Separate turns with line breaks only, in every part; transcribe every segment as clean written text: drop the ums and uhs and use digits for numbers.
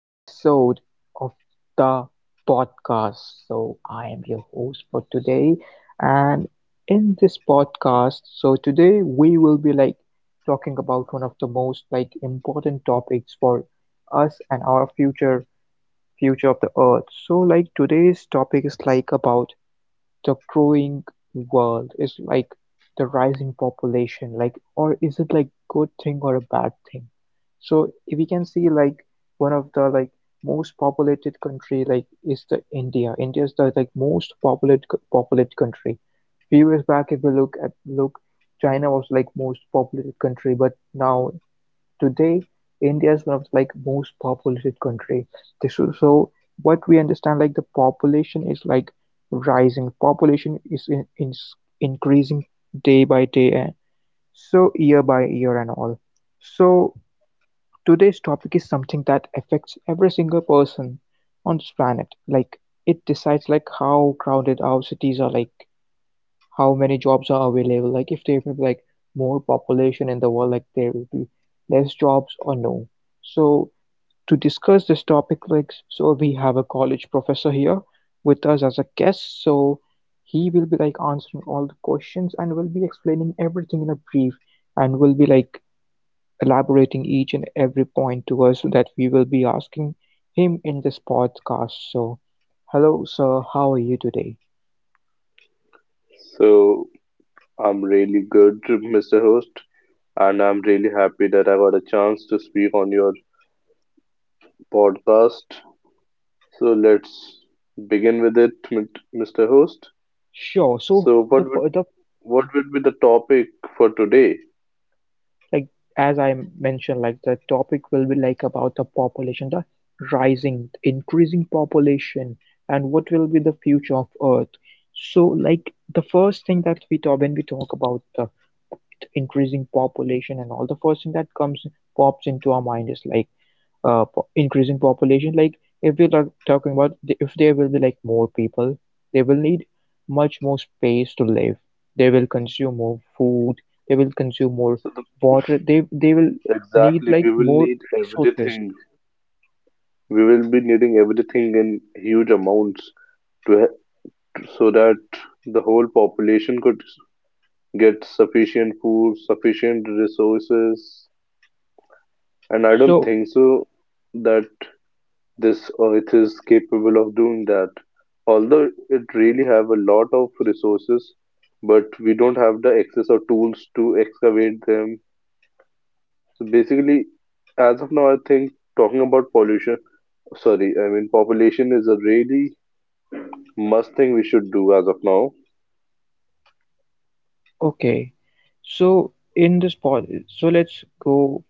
episode of the podcast. So, I am your host for today, and in this podcast, so today we will be like talking about one of the most like important topics for us and our future of the earth. So, like today's topic is like about the growing world is like the rising population, like, or is it like good thing or a bad thing, so if we can see like one of the like most populated country like is the India. India is the like most populated country. Few years back, if we look at look China was like most populated country, but now, today, India is one of the like most populated country. This is so what we understand, like the population is like rising. Population is increasing day by day, and so year by year and all. So today's topic is something that affects every single person on this planet. Like it decides like how crowded our cities are, like how many jobs are available. Like if there will be like more population in the world, like there will be less jobs or no. So to discuss this topic, like so we have a college professor here with us as a guest. So he will be like answering all the questions and will be explaining everything in a brief, and will be like elaborating each and every point to us that we will be asking him in this podcast. So hello sir, how are you today?
So, I'm really good, Mr. Host, and I'm really happy that I got a chance to speak on your podcast. So let's begin with it, Mr. Host.
Sure. So
So
the
what would
fir- the
what would be the topic for today?
like, as I mentioned, like the topic will be like about the population, the rising, increasing population, and what will be the future of Earth. So, like the first thing that we talk when we talk about the increasing population and all, the first thing that comes pops into our mind is like increasing population, like if we are talking about if there will be like more people, they will need much more space to live, they will consume more food, they will consume more
So the,
water, they will need
exactly, we
like
will
more
need
resources.
everything. We will be needing everything in huge amounts to ha- so that the whole population could get sufficient food, sufficient resources. And I don't
So,
think so that this earth is capable of doing that. Although it really have a lot of resources, but we don't have the access or tools to excavate them. So basically, as of now, I think talking about pollution, sorry, I mean population is a really must thing we should do as of now.
okay. So let's go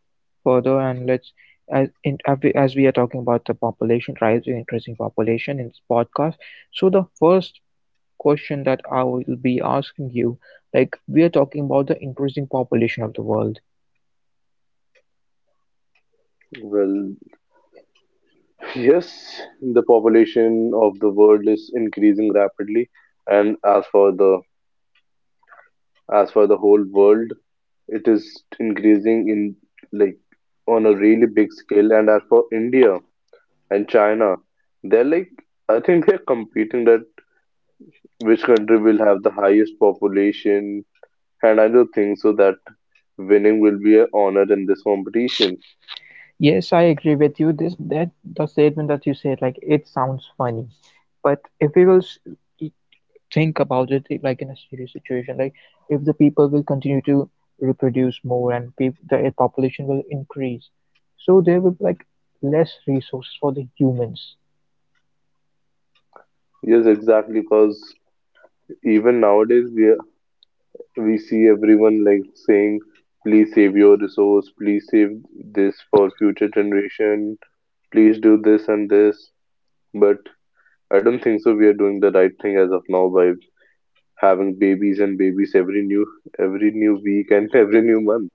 further, and let's as in as we are talking about the population rising, increasing population in this podcast. So the first question that I will be asking you, like we are talking about the increasing population of the world.
Well, yes, the population of the world is increasing rapidly, and as for the whole world, it is increasing in like on a really big scale, and as for India and China, they're like I think they're competing that which country will have the highest population, and I do think so that winning will be an honor in this competition.
Yes, I agree with you. This that the statement that you said, like it sounds funny, but if we will think about it, like in a serious situation, like if the people will continue to reproduce more, and peop the population will increase, so there will be like less resources for the humans.
Yes, exactly, because even nowadays we are- we see everyone like saying, please save your resource, please save this for future generation, please do this and this. But I don't think so. We are doing the right thing as of now by having babies and babies every new week and every new month.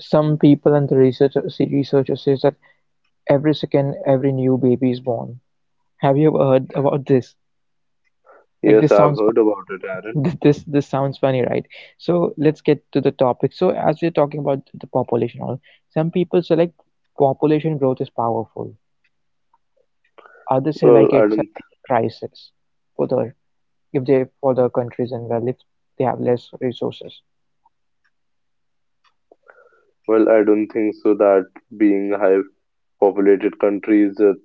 Some people and the researchers says that every second every new baby is born. Have you ever heard about this? Like
Yes, I've heard about it, Aaron.
this sounds funny, right? So let's get to the topic. So as we're talking about the population all, some people say like population growth is powerful, others say
Well,
like
I
it's
don't.
a it's a crisis for the for the countries, and well, if they have less resources.
Well, I don't think so that being a high populated country is a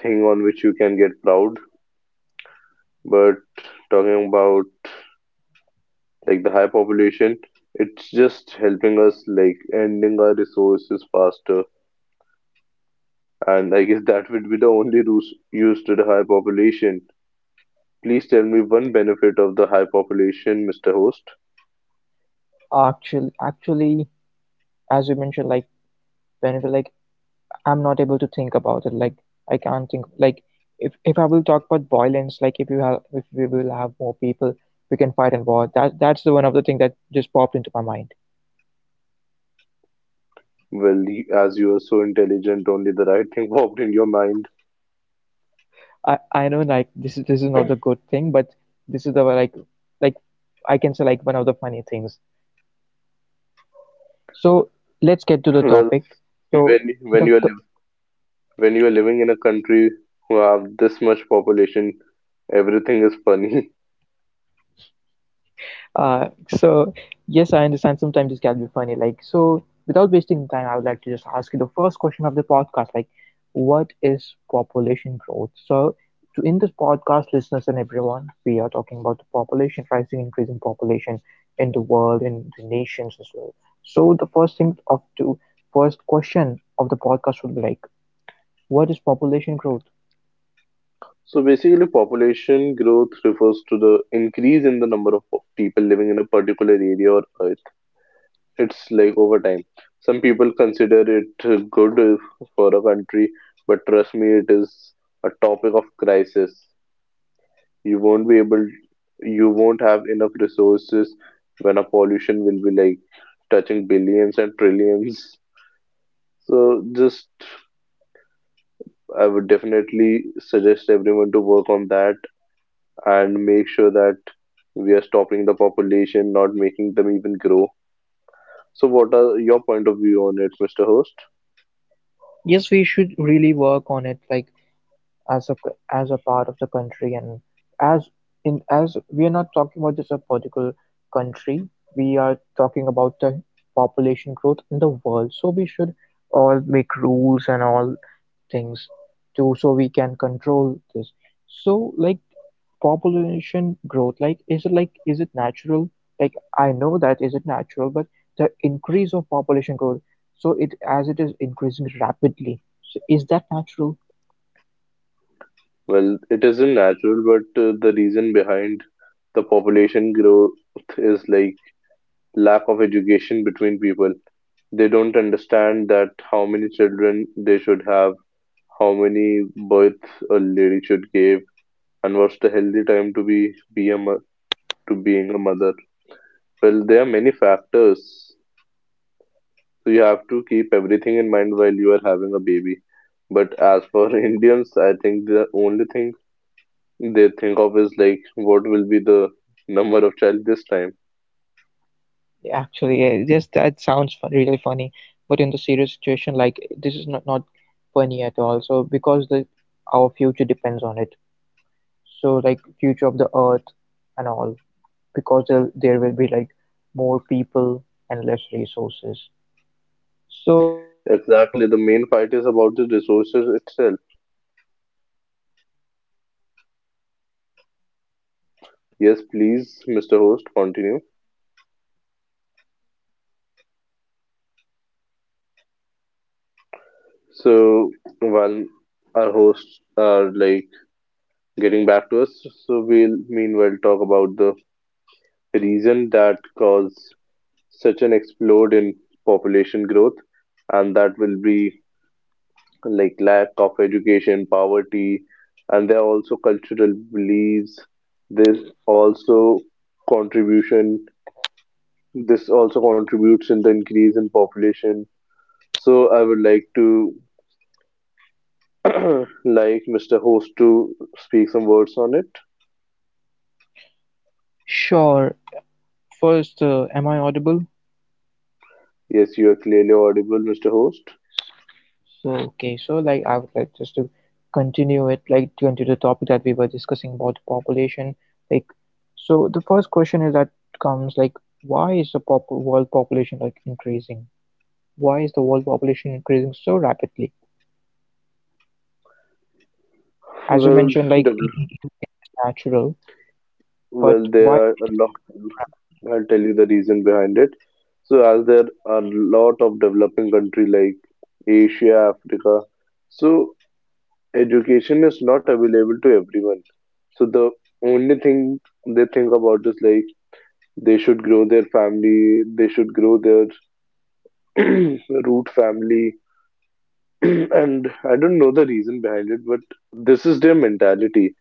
thing on which you can get proud. But talking about like the high population, it's just helping us like ending our resources faster. And I guess that would be the only use used to the high population. Please tell me one benefit of the high population, Mr. Host.
Actually, as you mentioned, like whenever, like I'm not able to think about it, like I can't think, like if I will talk about violence, like if we will have more people, we can fight in war. That's the one of the thing that just popped into my mind.
Well, as you are so intelligent, only the right thing popped in your mind.
I know, like this is not the good thing, but this is the like I can say like one of the funny things. So let's get to the
Well,
topic. So
when you are
the
liv when you are living in a country who have this much population, everything is funny.
so yes, I understand. Sometimes this can be funny. Like so, without wasting time, I would like to just ask you the first question of the podcast. Like, what is population growth? So, to in this podcast, listeners and everyone, we are talking about the population rising, increasing population in the world, in the nations as well. So the first question of the podcast would be like, what is population growth?
So basically, population growth refers to the increase in the number of people living in a particular area or earth. It's like over time. Some people consider it good for a country, but trust me, it is a topic of crisis. You won't be able, you won't have enough resources when a pollution will be like touching billions and trillions. So just I would definitely suggest everyone to work on that and make sure that we are stopping the population, not making them even grow. So what are your point of view on it, Mr. Host?
Yes, we should really work on it. Like as a as a part of the country, and as as we are not talking about just a particular country, we are talking about the population growth in the world, so we should all make rules and all things too, so we can control this. So like population growth, like, is it natural? Like I know that is it natural, but the increase of population growth, so it as it is increasing rapidly, so is that natural?
Well, it isn't natural, but the reason behind the population growth is like lack of education between people. They don't understand that how many children they should have, how many births a lady should give, and what's the healthy time to be a mo- to being a mother. Well, there are many factors, so you have to keep everything in mind while you are having a baby. But as for Indians, I think the only thing they think of is like what will be the number of child this time.
Actually, yeah, just that sounds really funny, but in the serious situation, like this is not funny at all. So because the our future depends on it. So like future of the earth and all, because there will be like more people and less resources. So let's get to the
Exactly, the
next
main fight
topic,
is about the
which I would like to
resources
add.
itself. Yes, please, Mr. Host, continue. So while our hosts are like getting back to us, so we'll meanwhile talk about the reason that caused such an explode in population growth, and that will be like lack of education, poverty, and there are also cultural beliefs. This also contribution. This also contributes in the increase in population. So I would like to like Mr. Host to speak some words on it. Yes, you are clearly audible, Mr. Host. Well, w- well, there are a lot. I'll tell you the reason behind it. So, as there are a lot of developing country like Asia, Africa, so education is not available to everyone. So the only thing they think about is like they should grow their family, they should grow their root family, and I don't know the reason behind it, but this is their mentality.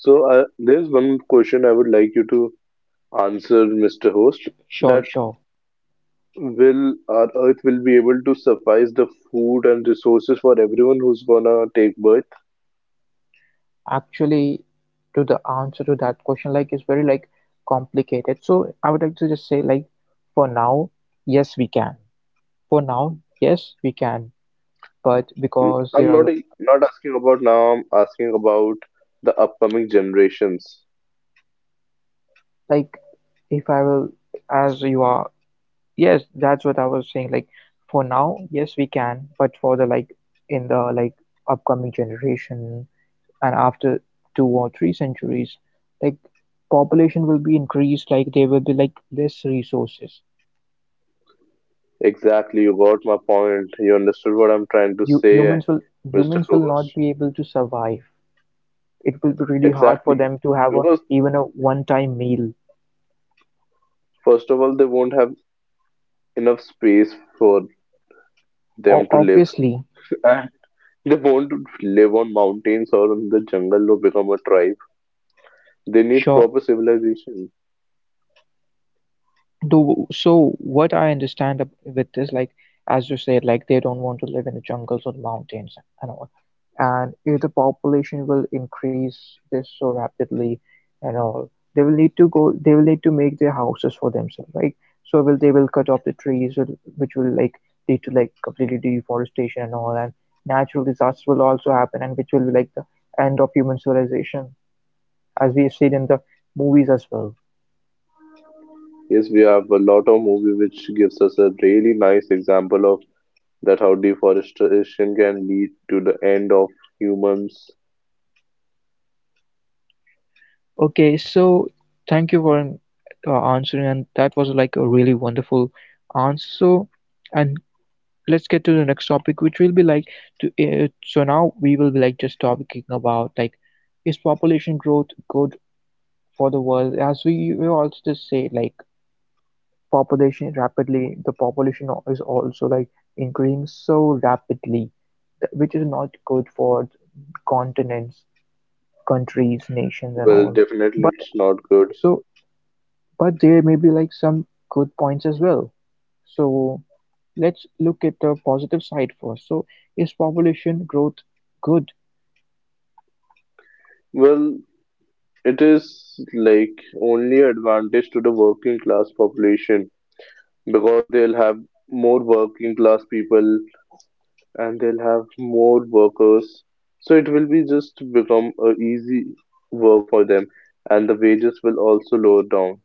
So there's one question I would like you to answer, Mr. Host, that will our Earth will be able to suffice the food and resources for everyone who's gonna take birth? I'm not asking about now. I'm asking about the upcoming generations. Exactly, you got my point. You understood what I'm trying to say, Mr. Host. Exactly, because first of all, they won't have enough space for them to live. And they won't live on mountains or in the jungle or become a tribe. They need proper civilization. Yes, we have a lot of movie which gives us a really nice example of that how deforestation can lead to the end of humans. Well, definitely it's not good. Well, it is like only advantage to the working class population because they'll have more working class people and they'll have more workers. So it will be just become a easy work for them, and the wages will also lower down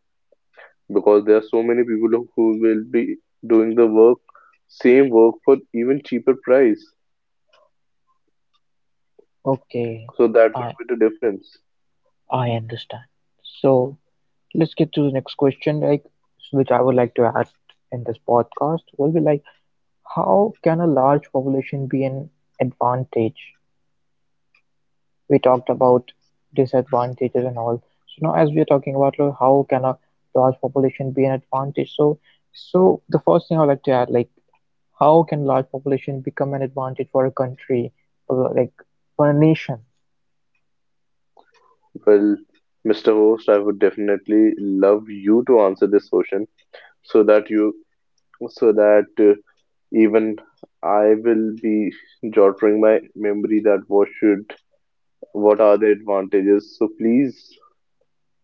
because there are so many people who will be doing the work, same work for even cheaper price. So that will be the difference. Well, Mr. Host, I would definitely love you to answer this question so that you so that even I will be jottering my memory that what are the advantages? So please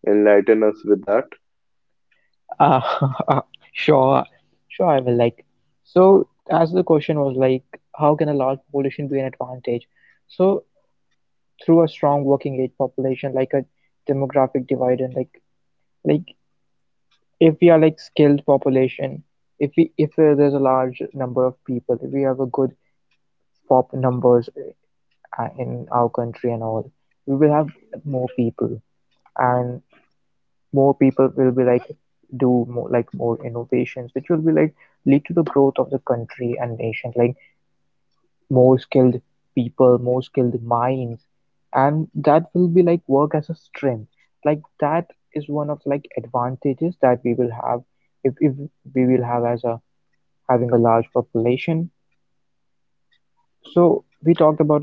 enlighten us with that.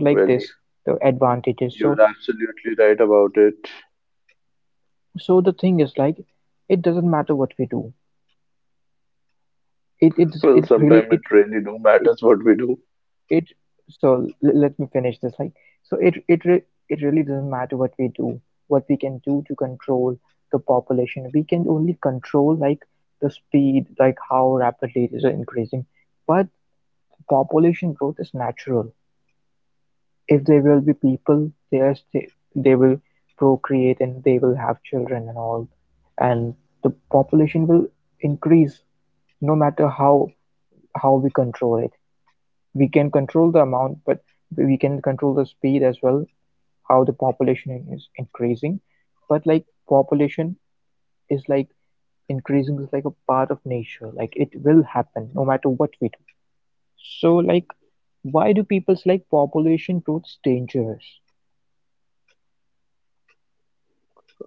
Well, you're absolutely right about it. Well, sometimes it really do matters what we do.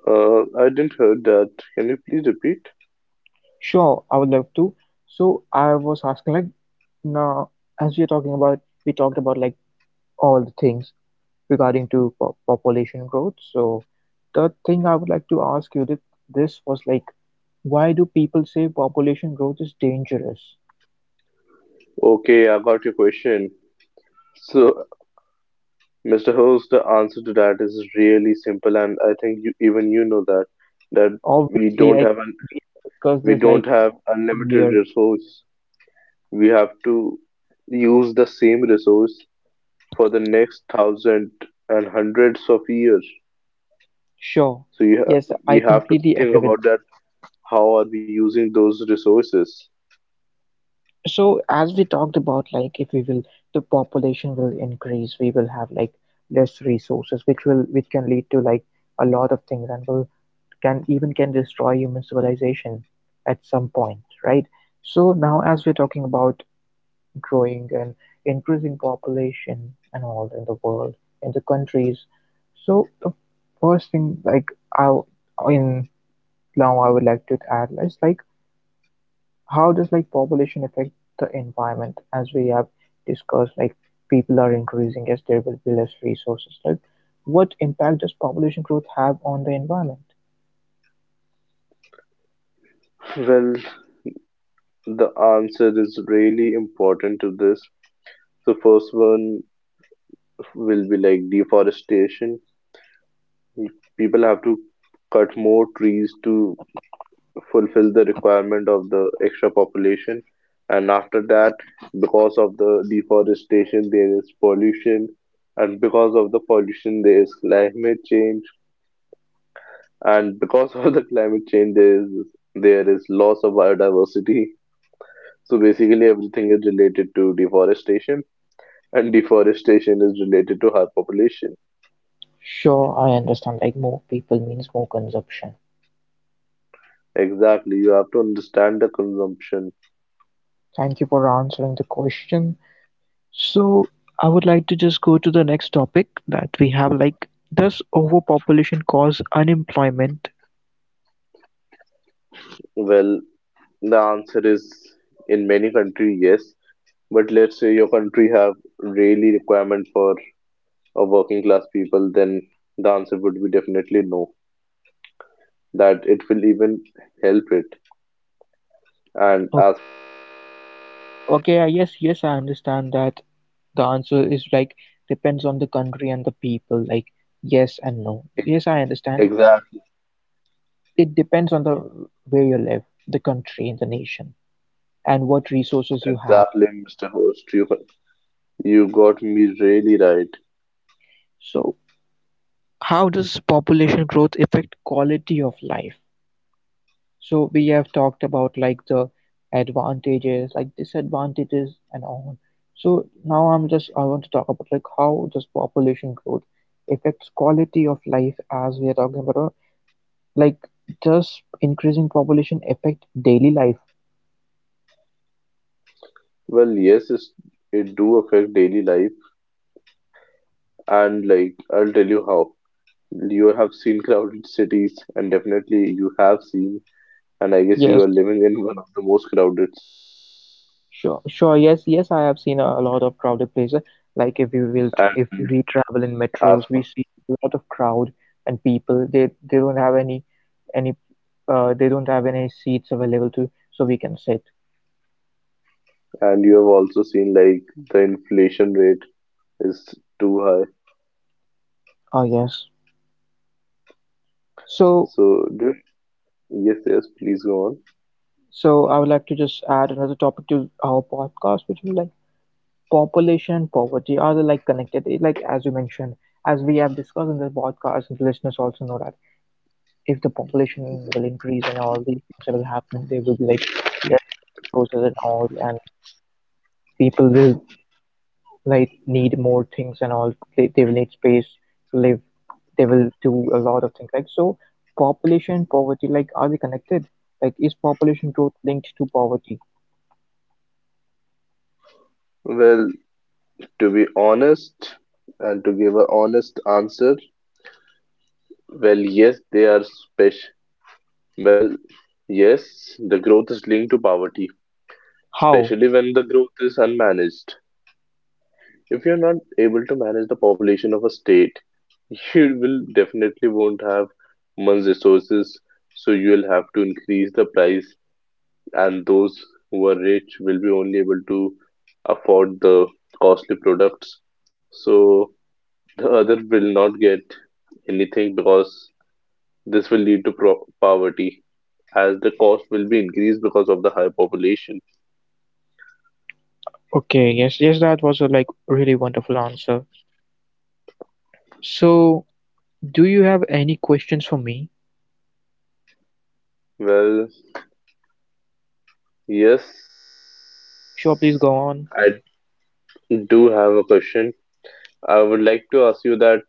I didn't heard that. Can you please repeat? Okay, I got your question. So, Mr. Host, the answer to that is really simple, and I think you even you know that that we don't have an we don't have unlimited resource. We have to use the same resource for the next thousand and hundreds of years. So you ha- we have to think about that. How are we using those resources? Well, the answer is really important to this. The first one will be like deforestation. People have to cut more trees to fulfill the requirement of the extra population. And after that, because of the deforestation, there is pollution, and because of the pollution, there is climate change, and because of the climate change there is loss of biodiversity. So basically everything is related to deforestation, and deforestation is related to high population. Exactly, you have to understand the consumption. Well, the answer is in many countries yes, but let's say your country have really requirement for a working class people, then the answer would be definitely no, that it will even help it. And as Exactly. Exactly, Mr. Host. You got me really right. Well, yes, it's, it do affect daily life, and like I'll tell you how. You have seen crowded cities, and definitely you have seen, and I guess you are living in one of the most crowded. And as for, and you have also seen like the inflation rate is too high. So do Yes, yes, please go on. Well, to be honest and to give an honest answer, well, yes, they are special. Well, yes, the growth is linked to poverty, especially when the growth is unmanaged. If you're not able to manage the population of a state, you will definitely won't have much resources, so you'll have to increase the price, and those who are rich will be only able to afford the costly products. So the other will not get anything because this will lead to poverty, as the cost will be increased because of the high population. Well, yes, I do have a question. I would like to ask you that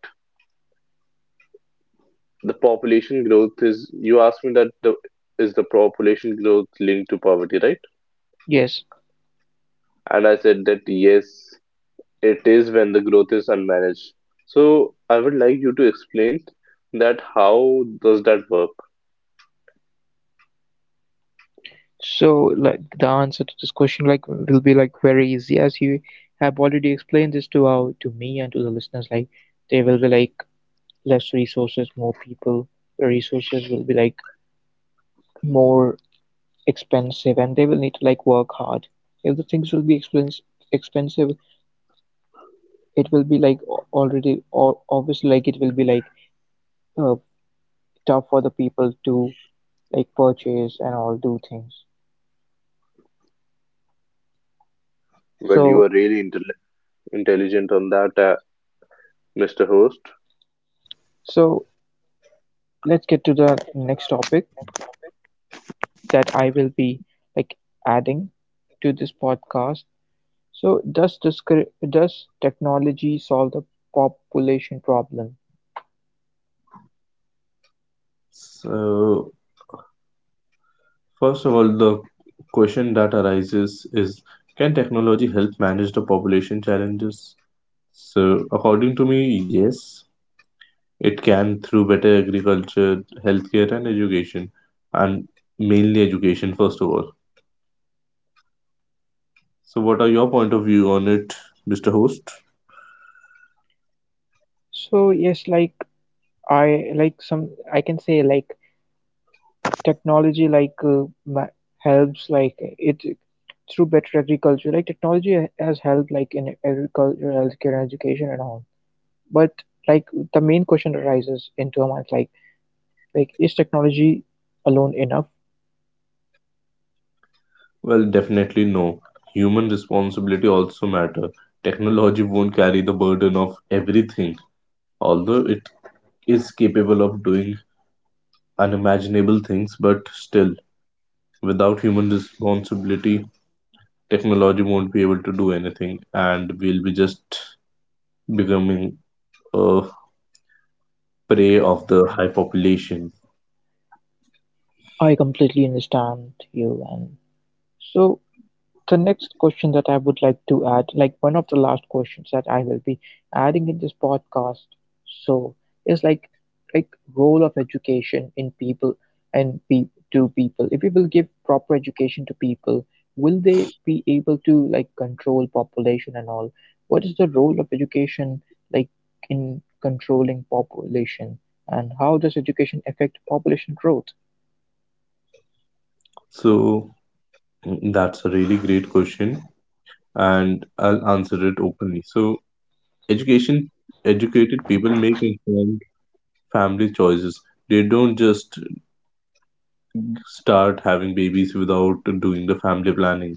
the population growth is, you asked me that the is the population growth linked to poverty, right? And I said that yes, it is when the growth is unmanaged. So I would like you to explain that how does that work? Well, you are really intelligent on that. Mr. Host, so, first of all, the question that arises is can technology help manage the population challenges? So, according to me, yes, it can through better agriculture, healthcare, and education, and mainly education, first of all. So, what are your point of view on it, Mr. Host? Well, definitely no. Human responsibility also matter. Technology won't carry the burden of everything, although it is capable of doing unimaginable things, but still, without human responsibility, technology won't be able to do anything, and we'll be just becoming a prey of the high population. So, mm, that's a really great question, and I'll answer it openly. So, education, educated people make informed family choices. They don't just start having babies without doing the family planning.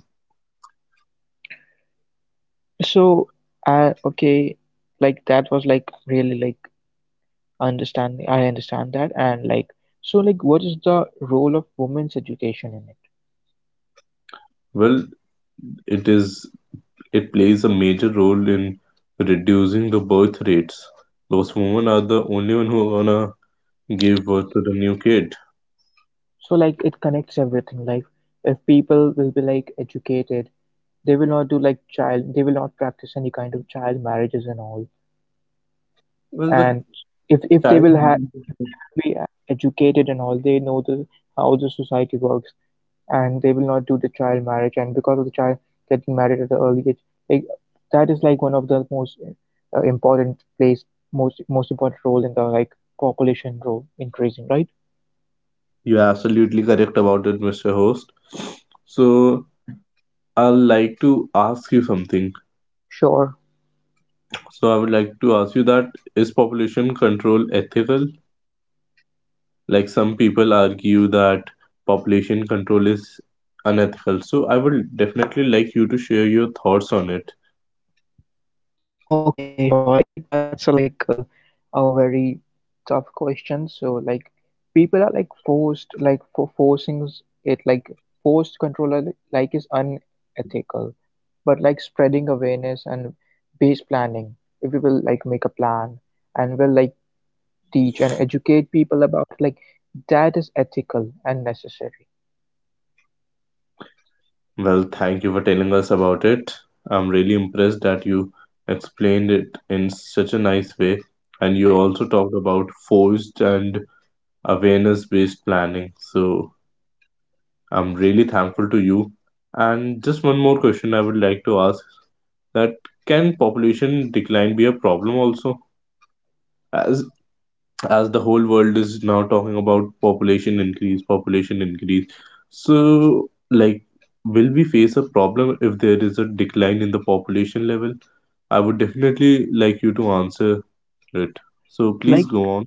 Well, it is it plays a major role in reducing the birth rates. Those women are the only one who are gonna give birth to the new kid. Well, the child. You're absolutely correct about it, Mr. Host. So I'd like to ask you something. So I would like to ask you that is population control ethical? Like some people argue that population control is unethical. So I would definitely like you to share your thoughts on it. Well, thank you for telling us about it. I'm really impressed that you explained it in such a nice way. And you also talked about forced and awareness based planning. So I'm really thankful to you. And just one more question I would like to ask that can population decline be a problem also? As the whole world is now talking about population increase, population increase. So, like, will we face a problem if there is a decline in the population level? I would definitely like you to answer it. So, please go on.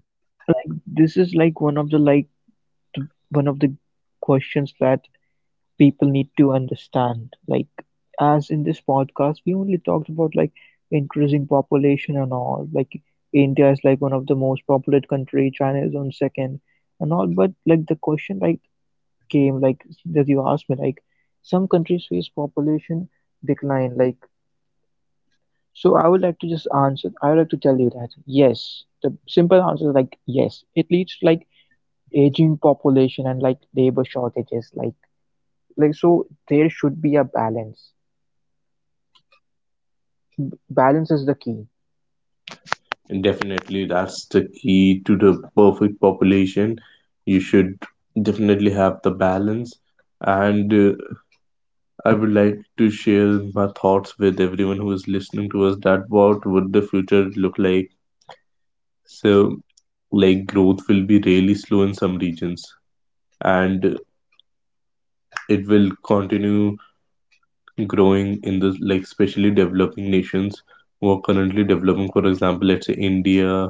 Definitely, that's the key to the perfect population. You should definitely have the balance. And I would like to share my thoughts with everyone who is listening to us that what would the future look like. So, like growth will be really slow in some regions, and it will continue growing in the like especially developing nations who are currently developing, for example, let's say India.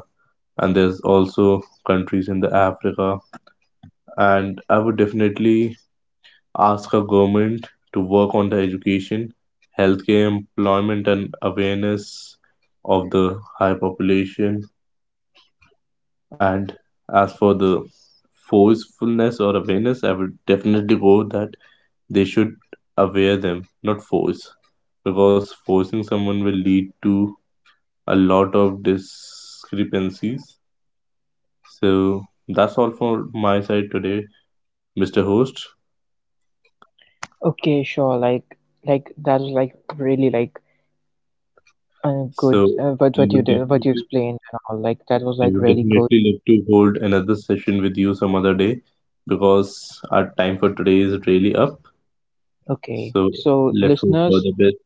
And there's also countries in the Africa. And I would definitely ask our government to work on the education, healthcare, employment and awareness of the high population. And as for the forcefulness or awareness, I would definitely go with that. They should aware them not force, because forcing someone will lead to a lot of discrepancies. So that's all for my side today, Mr. Host. So I would definitely love to hold another session with you some other day, because our time for today is really up. So let's hope for the best.